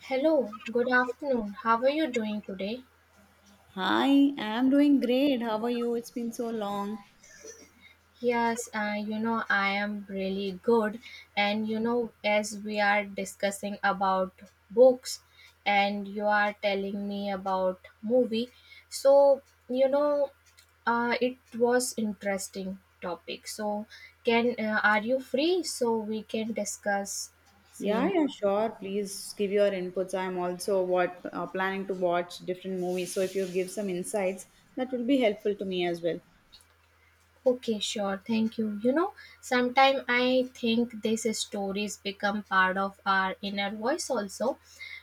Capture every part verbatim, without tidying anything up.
Hello, good afternoon. How are you doing today? Hi, I'm doing great. How are you? It's been so long. Yes, uh, you know, I am really good. And you know, as we are discussing about books and you are telling me about movie, so you know, uh, it was interesting topic. So can uh, are you free so we can discuss Yeah, same. yeah, sure. Please give your inputs. I'm also what uh, planning to watch different movies. So if you give some insights, that will be helpful to me as well. Okay, sure. Thank you. You know, sometimes I think these stories become part of our inner voice also.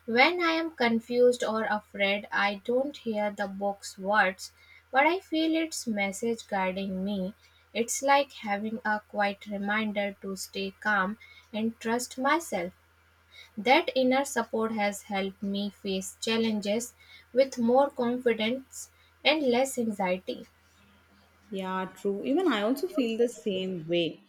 When I am confused or afraid, I don't hear the book's words, but I feel its message guiding me. It's like having a quiet reminder to stay calm and trust myself. That inner support has helped me face challenges with more confidence and less anxiety. Yeah, true. Even I also feel the same way.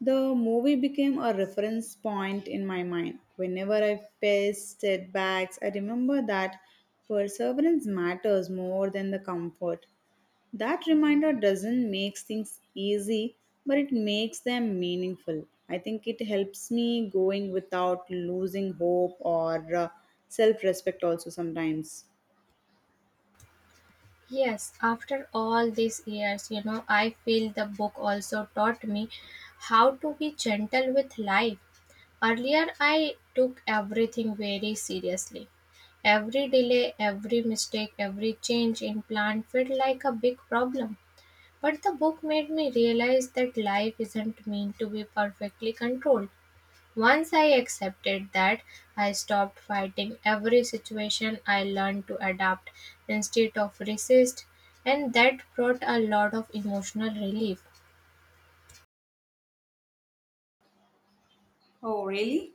The movie became a reference point in my mind. Whenever I faced setbacks, I remember that perseverance matters more than the comfort. That reminder doesn't make things easy, but it makes them meaningful. I think it helps me going without losing hope or uh, self respect, also sometimes. Yes, after all these years, you know, I feel the book also taught me how to be gentle with life. Earlier, I took everything very seriously. Every delay, every mistake, every change in plan felt like a big problem. But the book made me realize that life isn't meant to be perfectly controlled. Once I accepted that, I stopped fighting every situation. I learned to adapt instead of resist, and that brought a lot of emotional relief. Oh, really?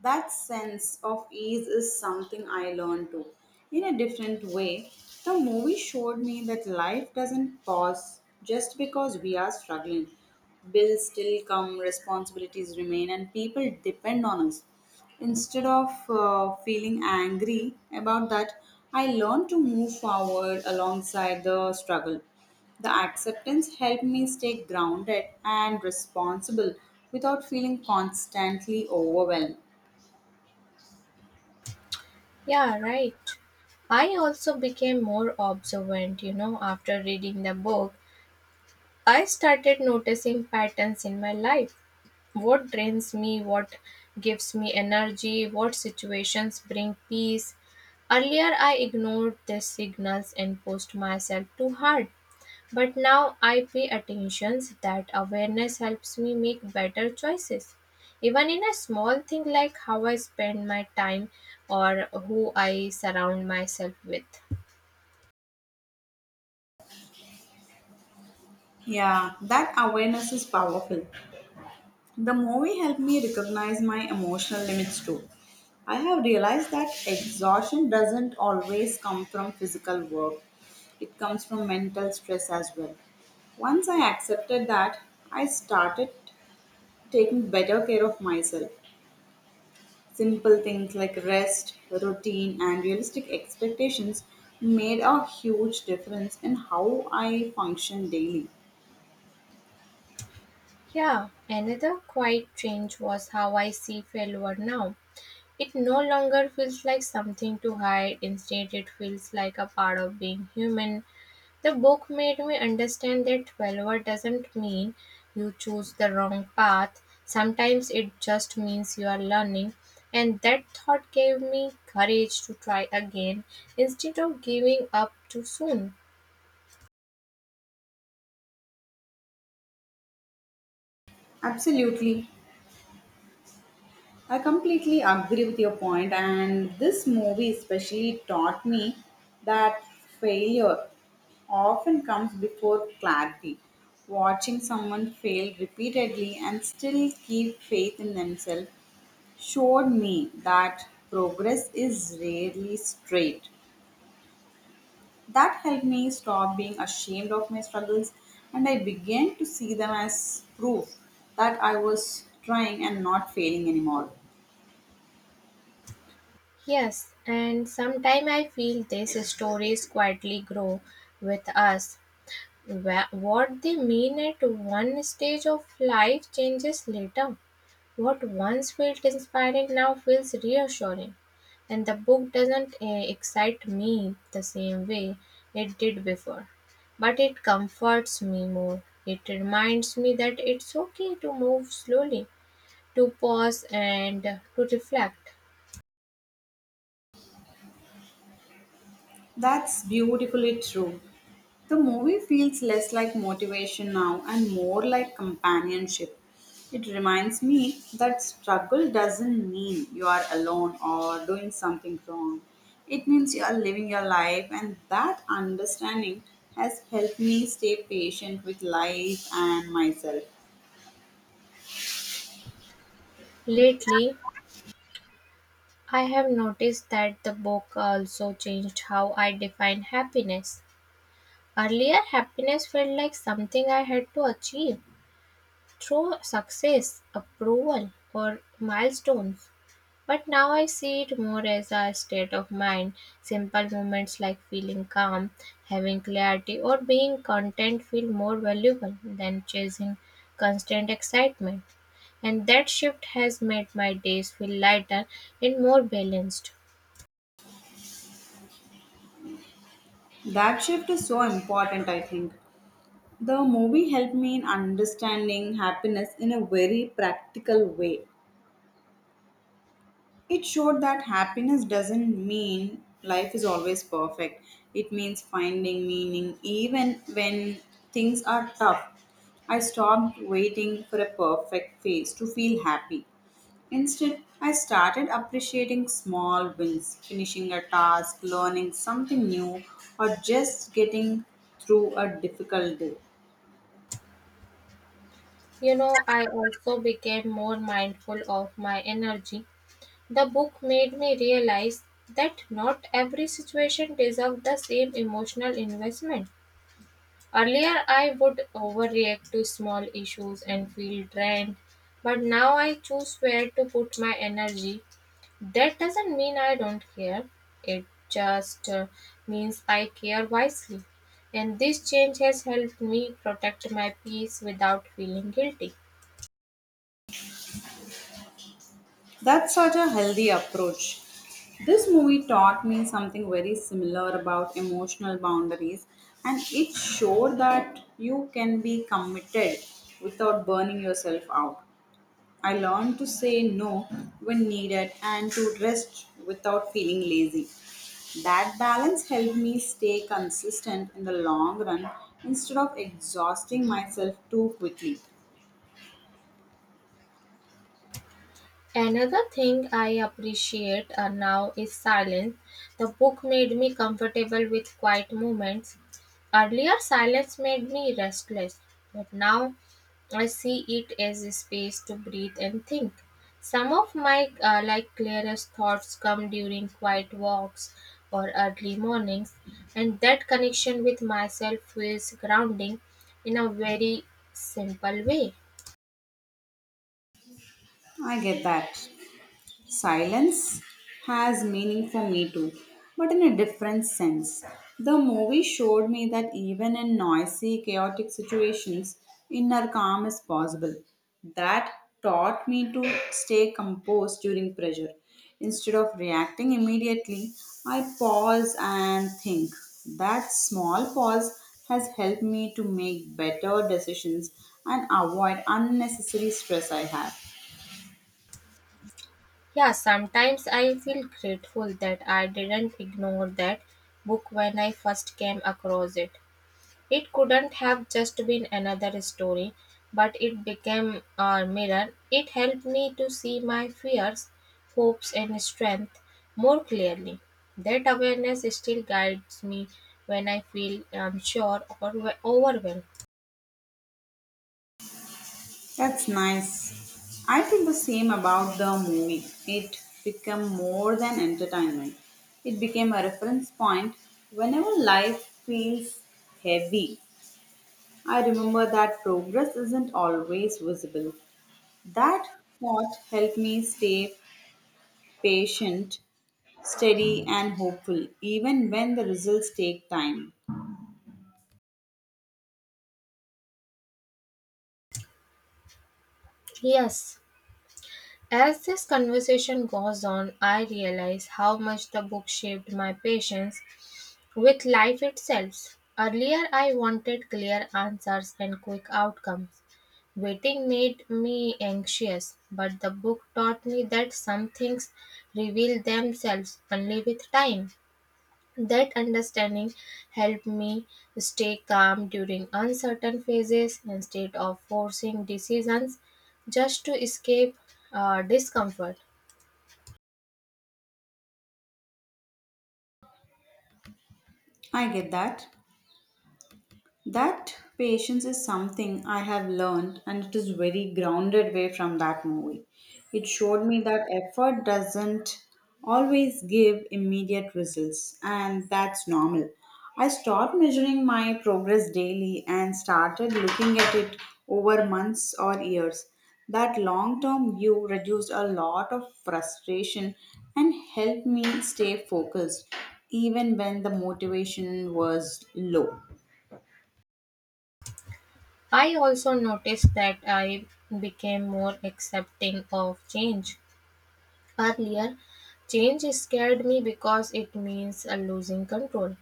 That sense of ease is something I learned too. In a different way, the movie showed me that life doesn't pause just because we are struggling. Bills still come, responsibilities remain, and people depend on us. Instead of uh, feeling angry about that, I learned to move forward alongside the struggle. The acceptance helped me stay grounded and responsible without feeling constantly overwhelmed. Yeah, right. I also became more observant, you know, after reading the book. I started noticing patterns in my life. What drains me, what gives me energy, what situations bring peace. Earlier, I ignored these signals and pushed myself too hard. But now I pay attention that awareness helps me make better choices. Even in a small thing like how I spend my time or who I surround myself with. Yeah, that awareness is powerful. The movie helped me recognize my emotional limits too. I have realized that exhaustion doesn't always come from physical work, it comes from mental stress as well. Once I accepted that, I started taking better care of myself. Simple things like rest, routine, and realistic expectations made a huge difference in how I function daily. Yeah, another quiet change was how I see failure now. It no longer feels like something to hide, instead, it feels like a part of being human. The book made me understand that failure doesn't mean you choose the wrong path, sometimes it just means you are learning. And that thought gave me courage to try again instead of giving up too soon. Absolutely. I completely agree with your point, and this movie especially taught me that failure often comes before clarity. Watching someone fail repeatedly and still keep faith in themselves showed me that progress is rarely straight. That helped me stop being ashamed of my struggles and I began to see them as proof that I was trying and not failing anymore. Yes, and sometimes I feel these stories quietly grow with us. Wha- What they mean at one stage of life changes later. What once felt inspiring now feels reassuring. And the book doesn't uh, excite me the same way it did before. But it comforts me more. It reminds me that it's okay to move slowly, to pause and to reflect. That's beautifully true. The movie feels less like motivation now and more like companionship. It reminds me that struggle doesn't mean you are alone or doing something wrong. It means you are living your life, and that understanding has helped me stay patient with life and myself. Lately, I have noticed that the book also changed how I define happiness. Earlier, happiness felt like something I had to achieve through success, approval, or milestones. But now I see it more as a state of mind. Simple moments like feeling calm, having clarity, or being content feel more valuable than chasing constant excitement. And that shift has made my days feel lighter and more balanced. That shift is so important, I think. The movie helped me in understanding happiness in a very practical way. It showed that happiness doesn't mean life is always perfect. It means finding meaning even when things are tough. I stopped waiting for a perfect phase to feel happy. Instead, I started appreciating small wins, finishing a task, learning something new, or just getting through a difficult day. You know, I also became more mindful of my energy. The book made me realize that not every situation deserves the same emotional investment. Earlier, I would overreact to small issues and feel drained, but now I choose where to put my energy. That doesn't mean I don't care, it just uh, means I care wisely. And this change has helped me protect my peace without feeling guilty. That's such a healthy approach. This movie taught me something very similar about emotional boundaries, and it showed that you can be committed without burning yourself out. I learned to say no when needed and to rest without feeling lazy. That balance helped me stay consistent in the long run instead of exhausting myself too quickly. Another thing I appreciate uh, now is silence. The book made me comfortable with quiet moments. Earlier, silence made me restless, but now I see it as a space to breathe and think. Some of my uh, like clearest thoughts come during quiet walks or early mornings, and that connection with myself feels grounding in a very simple way. I get that. Silence has meaning for me too, but in a different sense. The movie showed me that even in noisy, chaotic situations, inner calm is possible. That taught me to stay composed during pressure. Instead of reacting immediately, I pause and think. That small pause has helped me to make better decisions and avoid unnecessary stress I have. Yeah, sometimes I feel grateful that I didn't ignore that book when I first came across it. It couldn't have just been another story, but it became a mirror. It helped me to see my fears, hopes, and strength more clearly. That awareness still guides me when I feel unsure or overwhelmed. That's nice. I feel the same about the movie. It became more than entertainment. It became a reference point. Whenever life feels heavy, I remember that progress isn't always visible. That thought helped me stay patient, steady, and hopeful, even when the results take time. Yes, as this conversation goes on, I realize how much the book shaped my patience with life itself. Earlier, I wanted clear answers and quick outcomes. Waiting made me anxious, but the book taught me that some things reveal themselves only with time. That understanding helped me stay calm during uncertain phases instead of forcing decisions just to escape uh, discomfort. I get that. That patience is something I have learned, and it is very grounded way from that movie. It showed me that effort doesn't always give immediate results, and that's normal. I stopped measuring my progress daily and started looking at it over months or years. That long term view reduced a lot of frustration and helped me stay focused even when the motivation was low. I also noticed that I became more accepting of change. Earlier, change scared me because it means uh, losing control.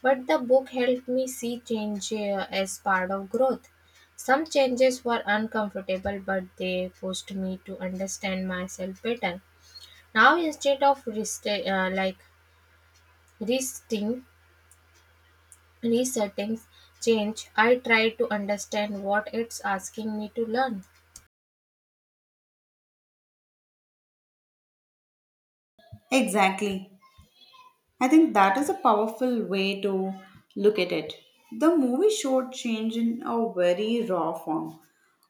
But the book helped me see change uh, as part of growth. Some changes were uncomfortable, but they pushed me to understand myself better. Now, instead of rest- uh, like resting, resetting change, I try to understand what it's asking me to learn. Exactly. I think that is a powerful way to look at it. The movie showed change in a very raw form.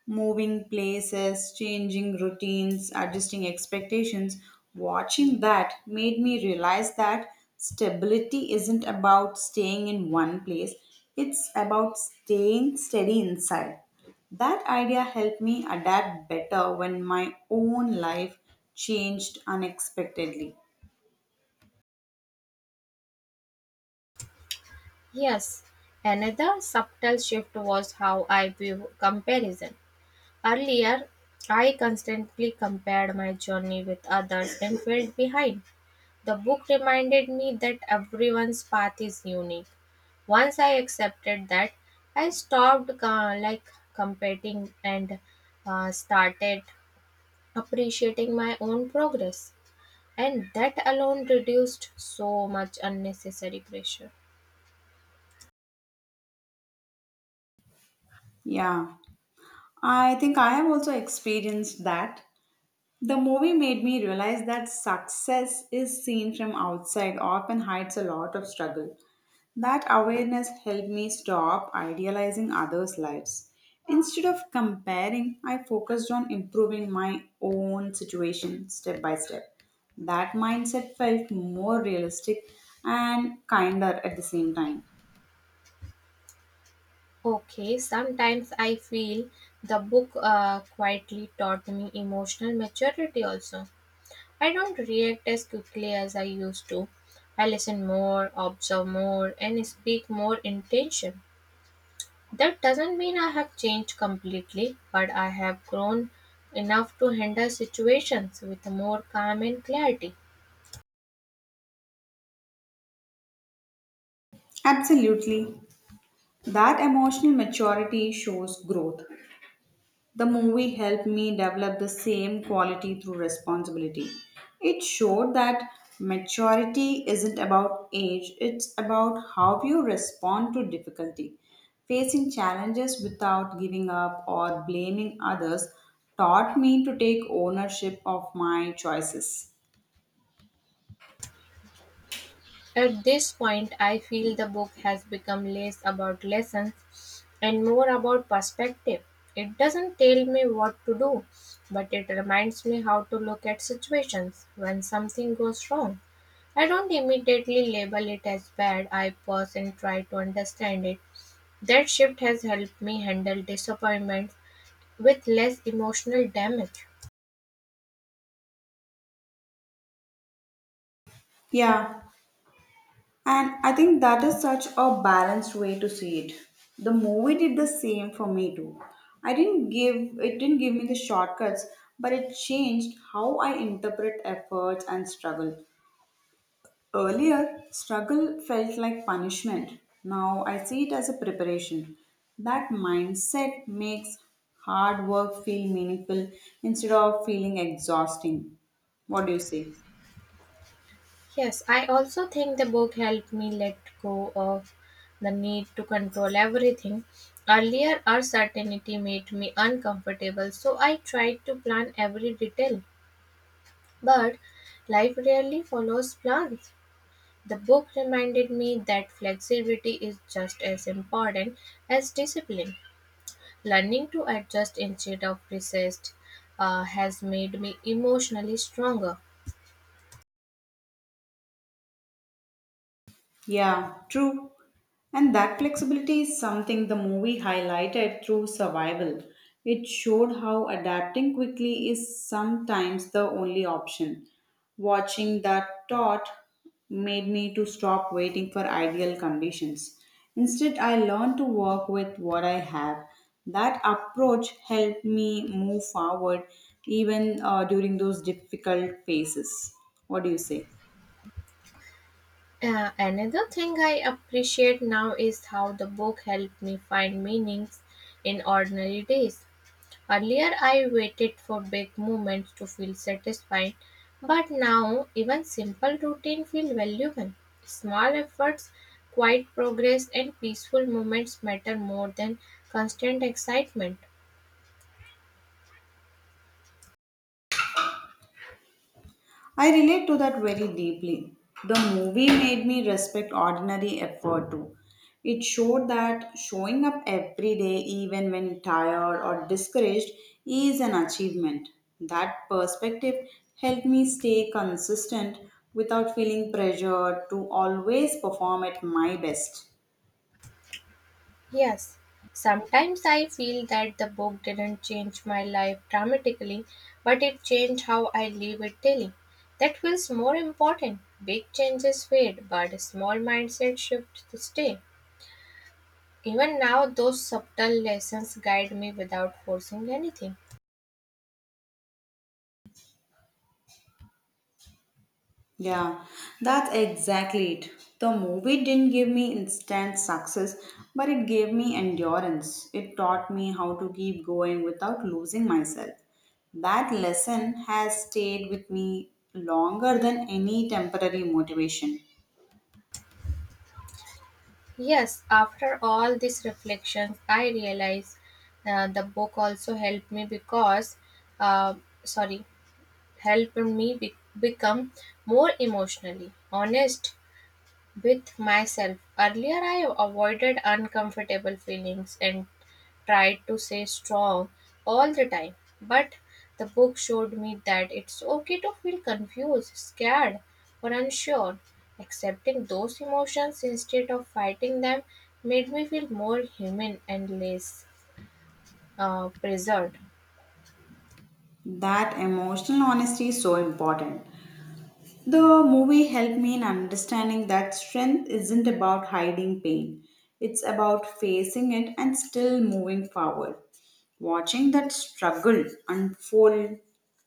Moving places, changing routines, adjusting expectations. Watching that made me realize that stability isn't about staying in one place, it's about staying steady inside. That idea helped me adapt better when my own life changed unexpectedly. Yes, another subtle shift was how I view comparison. Earlier, I constantly compared my journey with others and felt behind. The book reminded me that everyone's path is unique. Once I accepted that, I stopped uh, like competing and uh, started appreciating my own progress. And that alone reduced so much unnecessary pressure. Yeah. I think I have also experienced that. The movie made me realize that success is seen from outside, often hides a lot of struggle. That awareness helped me stop idealizing others' lives. Instead of comparing, I focused on improving my own situation step by step. That mindset felt more realistic and kinder at the same time. Okay, sometimes I feel the book uh, quietly taught me emotional maturity also. I don't react as quickly as I used to. I listen more, observe more, and speak more intention. That doesn't mean I have changed completely, but I have grown enough to handle situations with more calm and clarity. Absolutely. That emotional maturity shows growth. The movie helped me develop the same quality through responsibility. It showed that maturity isn't about age, it's about how you respond to difficulty. Facing challenges without giving up or blaming others taught me to take ownership of my choices. At this point I feel the book has become less about lessons and more about perspective. It doesn't tell me what to do, but it reminds me how to look at situations when something goes wrong. I don't immediately label it as bad, I pause and try to understand it. That shift has helped me handle disappointments with less emotional damage. Yeah, and I think that is such a balanced way to see it. The movie did the same for me too. I didn't give it didn't give me the shortcuts, but it changed how I interpret efforts and struggle. Earlier, struggle felt like punishment. Now I see it as a preparation. That mindset makes hard work feel meaningful instead of feeling exhausting. What do you say? Yes, I also think the book helped me let go of the need to control everything. Earlier, uncertainty made me uncomfortable, so I tried to plan every detail. But life rarely follows plans. The book reminded me that flexibility is just as important as discipline. Learning to adjust instead of resist uh, has made me emotionally stronger. Yeah, true. And that flexibility is something the movie highlighted through survival. It showed how adapting quickly is sometimes the only option. Watching that thought made me to stop waiting for ideal conditions. Instead, I learned to work with what I have. That approach helped me move forward even uh, during those difficult phases. What do you say? Uh, another thing I appreciate now is how the book helped me find meanings in ordinary days. Earlier, I waited for big moments to feel satisfied, but now even simple routine feel valuable. Small efforts, quiet progress, and peaceful moments matter more than constant excitement. I relate to that very deeply. The movie made me respect ordinary effort too. It showed that showing up every day, even when tired or discouraged, is an achievement. That perspective helped me stay consistent without feeling pressured to always perform at my best. Yes, sometimes I feel that the book didn't change my life dramatically, but it changed how I live it daily. That feels more important. Big changes fade, but a small mindset shift to stay. Even now, those subtle lessons guide me without forcing anything. Yeah, that's exactly it. The movie didn't give me instant success, but it gave me endurance. It taught me how to keep going without losing myself. That lesson has stayed with me longer than any temporary motivation. Yes, after all these reflections, I realize uh, the book also helped me because, uh, sorry, helped me be- become more emotionally honest with myself. Earlier, I avoided uncomfortable feelings and tried to stay strong all the time. But the book showed me that it's okay to feel confused, scared, or unsure. Accepting those emotions instead of fighting them made me feel more human and less uh, preserved. That emotional honesty is so important. The movie helped me in understanding that strength isn't about hiding pain, it's about facing it and still moving forward. Watching that struggle unfold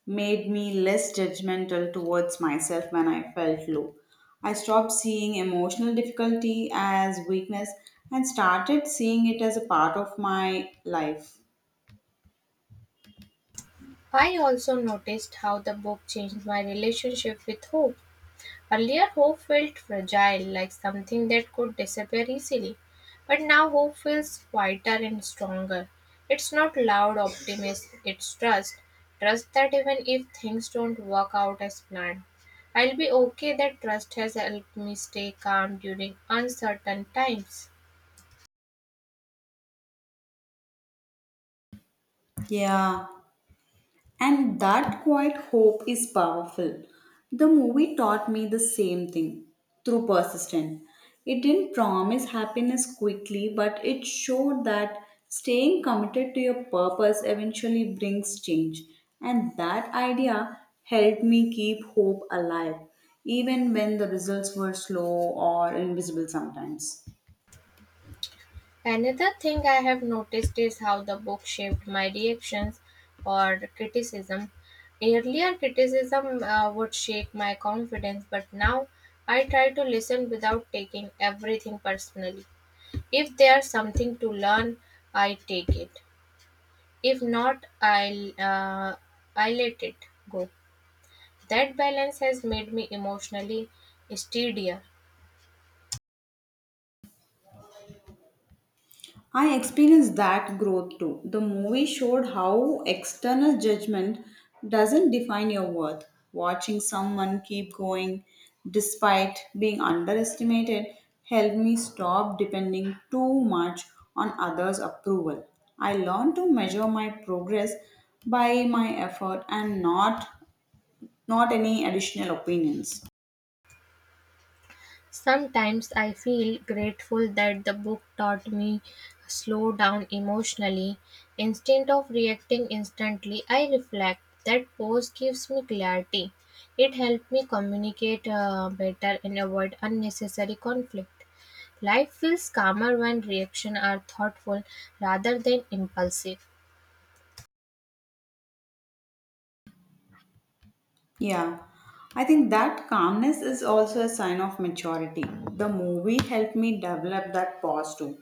made me less judgmental towards myself when I felt low. I stopped seeing emotional difficulty as weakness and started seeing it as a part of my life. I also noticed how the book changed my relationship with hope. Earlier, hope felt fragile, like something that could disappear easily. But now, hope feels quieter and stronger. It's not loud optimism, it's trust. Trust that even if things don't work out as planned, I'll be okay. That trust has helped me stay calm during uncertain times. Yeah. And that quiet hope is powerful. The movie taught me the same thing through persistence. It didn't promise happiness quickly, but it showed that staying committed to your purpose eventually brings change. And that idea helped me keep hope alive, even when the results were slow or invisible sometimes. Another thing I have noticed is how the book shaped my reactions or criticism. Earlier, criticism uh, would shake my confidence, but now I try to listen without taking everything personally. If there's something to learn, I take it. If not, I'll uh, I let it go. That balance has made me emotionally steadier. I experienced that growth too. The movie showed how external judgment doesn't define your worth. Watching someone keep going despite being underestimated helped me stop depending too much on others' approval. I learned to measure my progress by my effort and not not any additional opinions. Sometimes I feel grateful that the book taught me slow down emotionally. Instead of reacting instantly, I reflect. That pause gives me clarity. It helped me communicate uh, better and avoid unnecessary conflict. Life feels calmer when reactions are thoughtful rather than impulsive. Yeah, I think that calmness is also a sign of maturity. The movie helped me develop that pause too.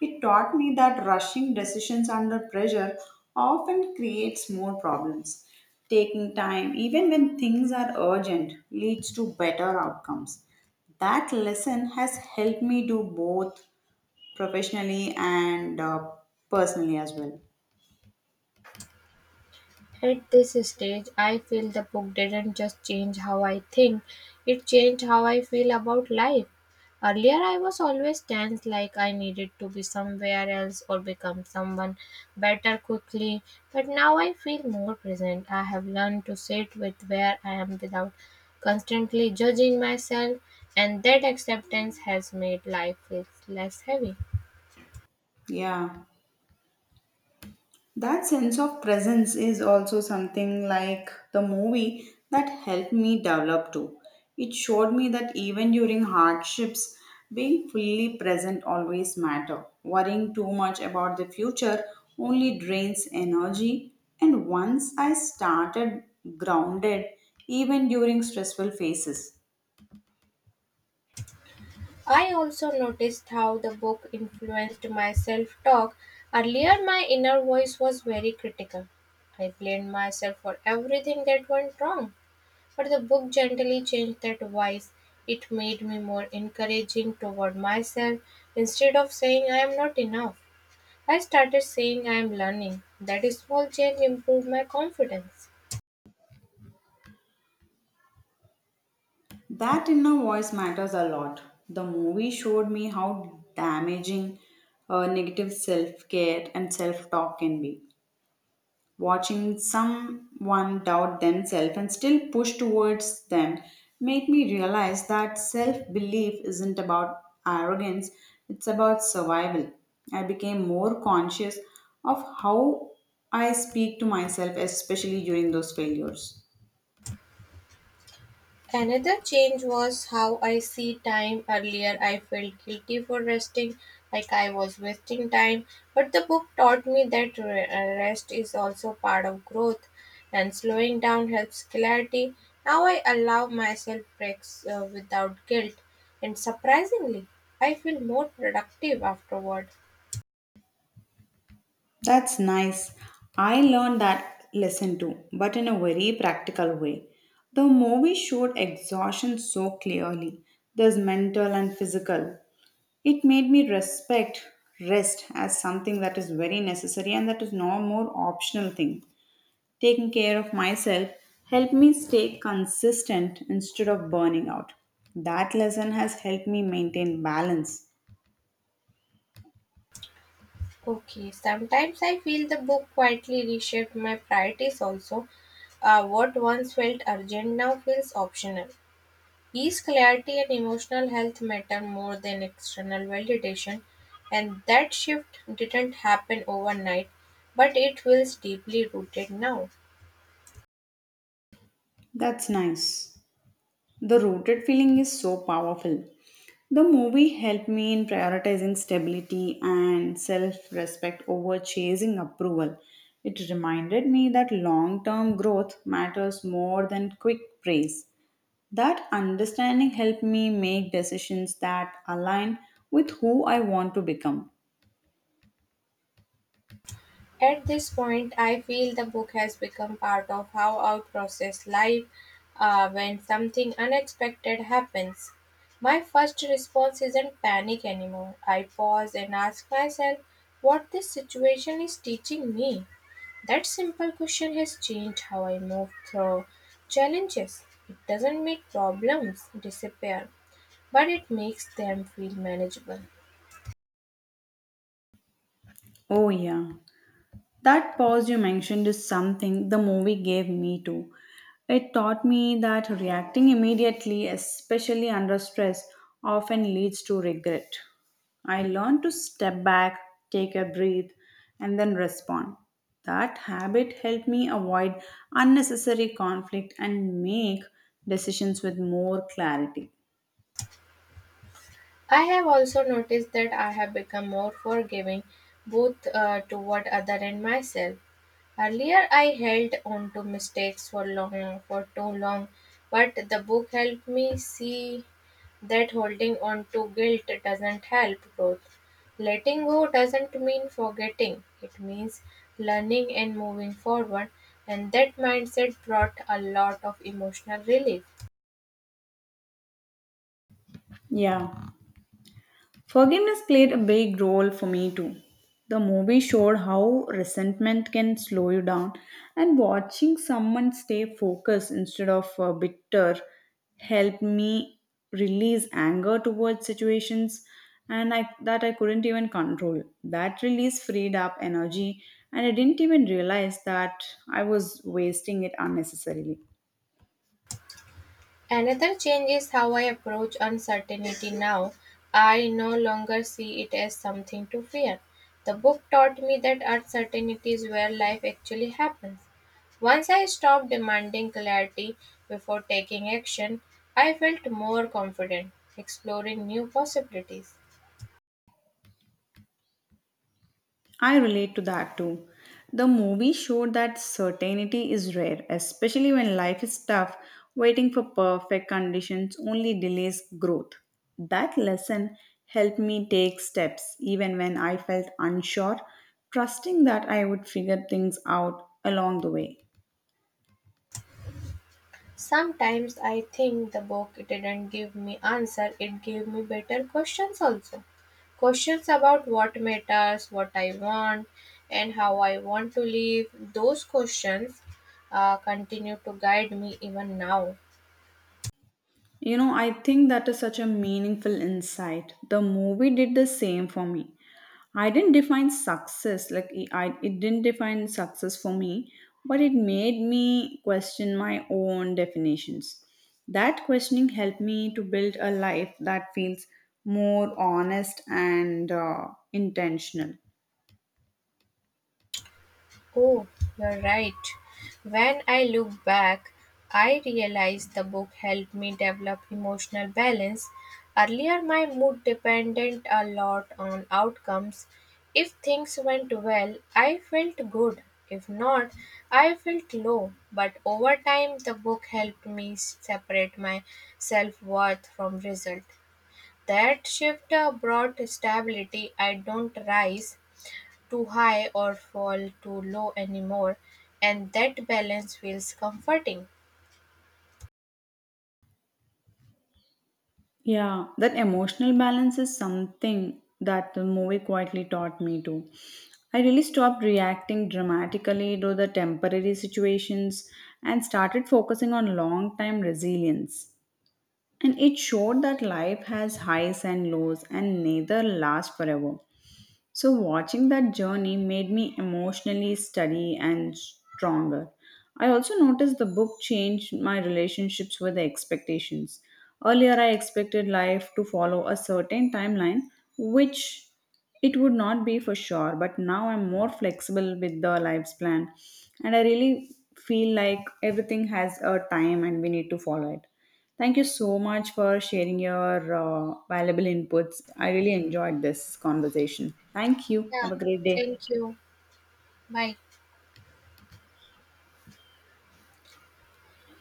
It taught me that rushing decisions under pressure often creates more problems. Taking time, even when things are urgent, leads to better outcomes. That lesson has helped me do both professionally and uh, personally as well. At this stage, I feel the book didn't just change how I think, it changed how I feel about life. Earlier, I was always tense, like I needed to be somewhere else or become someone better quickly, but now I feel more present. I have learned to sit with where I am without constantly judging myself, and that acceptance has made life feel less heavy. Yeah. That sense of presence is also something like the movie that helped me develop too. It showed me that even during hardships, being fully present always matter. Worrying too much about the future only drains energy. And once I started grounded, even during stressful phases, I also noticed how the book influenced my self talk. Earlier, my inner voice was very critical. I blamed myself for everything that went wrong. But the book gently changed that voice. It made me more encouraging toward myself. Instead of saying I am not enough, I started saying I am learning. That small change improved my confidence. that inner voice matters a lot. The movie showed me how damaging uh, negative self care and self talk can be. Watching someone doubt themselves and still push towards them made me realize that self belief isn't about arrogance, it's about survival. I became more conscious of how I speak to myself, especially during those failures. Another change was how I see time. Earlier, I felt guilty for resting, like I was wasting time. But the book taught me that re- uh, rest is also part of growth, and slowing down helps clarity. Now I allow myself breaks uh, without guilt, and surprisingly, I feel more productive afterward. That's nice. I learned that lesson too, but in a very practical way. The movie showed exhaustion so clearly. There's mental and physical. It made me respect rest as something that is very necessary and that is no more optional thing. Taking care of myself helped me stay consistent instead of burning out. That lesson has helped me maintain balance. Okay, sometimes I feel the book quietly reshaped my priorities also. Uh, what once felt urgent now feels optional. Peace, clarity and emotional health matter more than external validation, and that shift didn't happen overnight, but it feels deeply rooted now. That's nice. The rooted feeling is so powerful. The movie helped me in prioritizing stability and self respect over chasing approval. It reminded me that long term growth matters more than quick praise. That understanding helped me make decisions that align with who I want to become. At this point, I feel the book has become part of how I process life uh, when something unexpected happens. My first response isn't panic anymore. I pause and ask myself what this situation is teaching me. That simple question has changed how I move through challenges. It doesn't make problems disappear, but it makes them feel manageable. Oh, yeah. That pause you mentioned is something the movie gave me too. It taught me that reacting immediately, especially under stress, often leads to regret. I learned to step back, take a breath, and then respond. That habit helped me avoid unnecessary conflict and make decisions with more clarity. I have also noticed that I have become more forgiving both uh, toward other and myself. Earlier, I held on to mistakes for long, for too long, but the book helped me see that holding on to guilt doesn't help growth. Letting go doesn't mean forgetting, it means learning and moving forward, and that mindset brought a lot of emotional relief. Yeah. Forgiveness played a big role for me too. The movie showed how resentment can slow you down, and watching someone stay focused instead of uh, bitter helped me release anger towards situations and I, that I couldn't even control. That release freed up energy, and I didn't even realize that I was wasting it unnecessarily. Another change is how I approach uncertainty now. I no longer see it as something to fear. The book taught me that uncertainty is where life actually happens. Once I stopped demanding clarity before taking action, I felt more confident exploring new possibilities. I relate to that too. The movie showed that certainty is rare, especially when life is tough. Waiting for perfect conditions only delays growth. That lesson helped me take steps even when I felt unsure, trusting that I would figure things out along the way. Sometimes I think the book didn't give me answer, it gave me better questions also. Questions about what matters, what I want, and how I want to live. Those questions uh, continue to guide me even now. You know, I think that is such a meaningful insight. The movie did the same for me. I didn't define success, like it- I, it didn't define success for me, but it made me question my own definitions. That questioning helped me to build a life that feels more honest and uh, intentional. Oh, you're right. When I look back, I realize the book helped me develop emotional balance. Earlier, my mood depended a lot on outcomes. If things went well, I felt good. If not, I felt low. But over time, the book helped me separate my self worth from result. That shift uh, brought stability. I don't rise too high or fall too low anymore, and that balance feels comforting. Yeah, that emotional balance is something that the movie quietly taught me to. I really stopped reacting dramatically to the temporary situations and started focusing on long time resilience. And it showed that life has highs and lows and neither last forever. So, watching that journey made me emotionally steady and stronger. I also noticed the book changed my relationships with the expectations. Earlier, I expected life to follow a certain timeline, which it would not be for sure, but now I'm more flexible with the life's plan. And I really feel like everything has a time and we need to follow it. Thank you so much for sharing your uh, valuable inputs. I really enjoyed this conversation. Thank you. Yeah, Have a great day. thank you. Bye.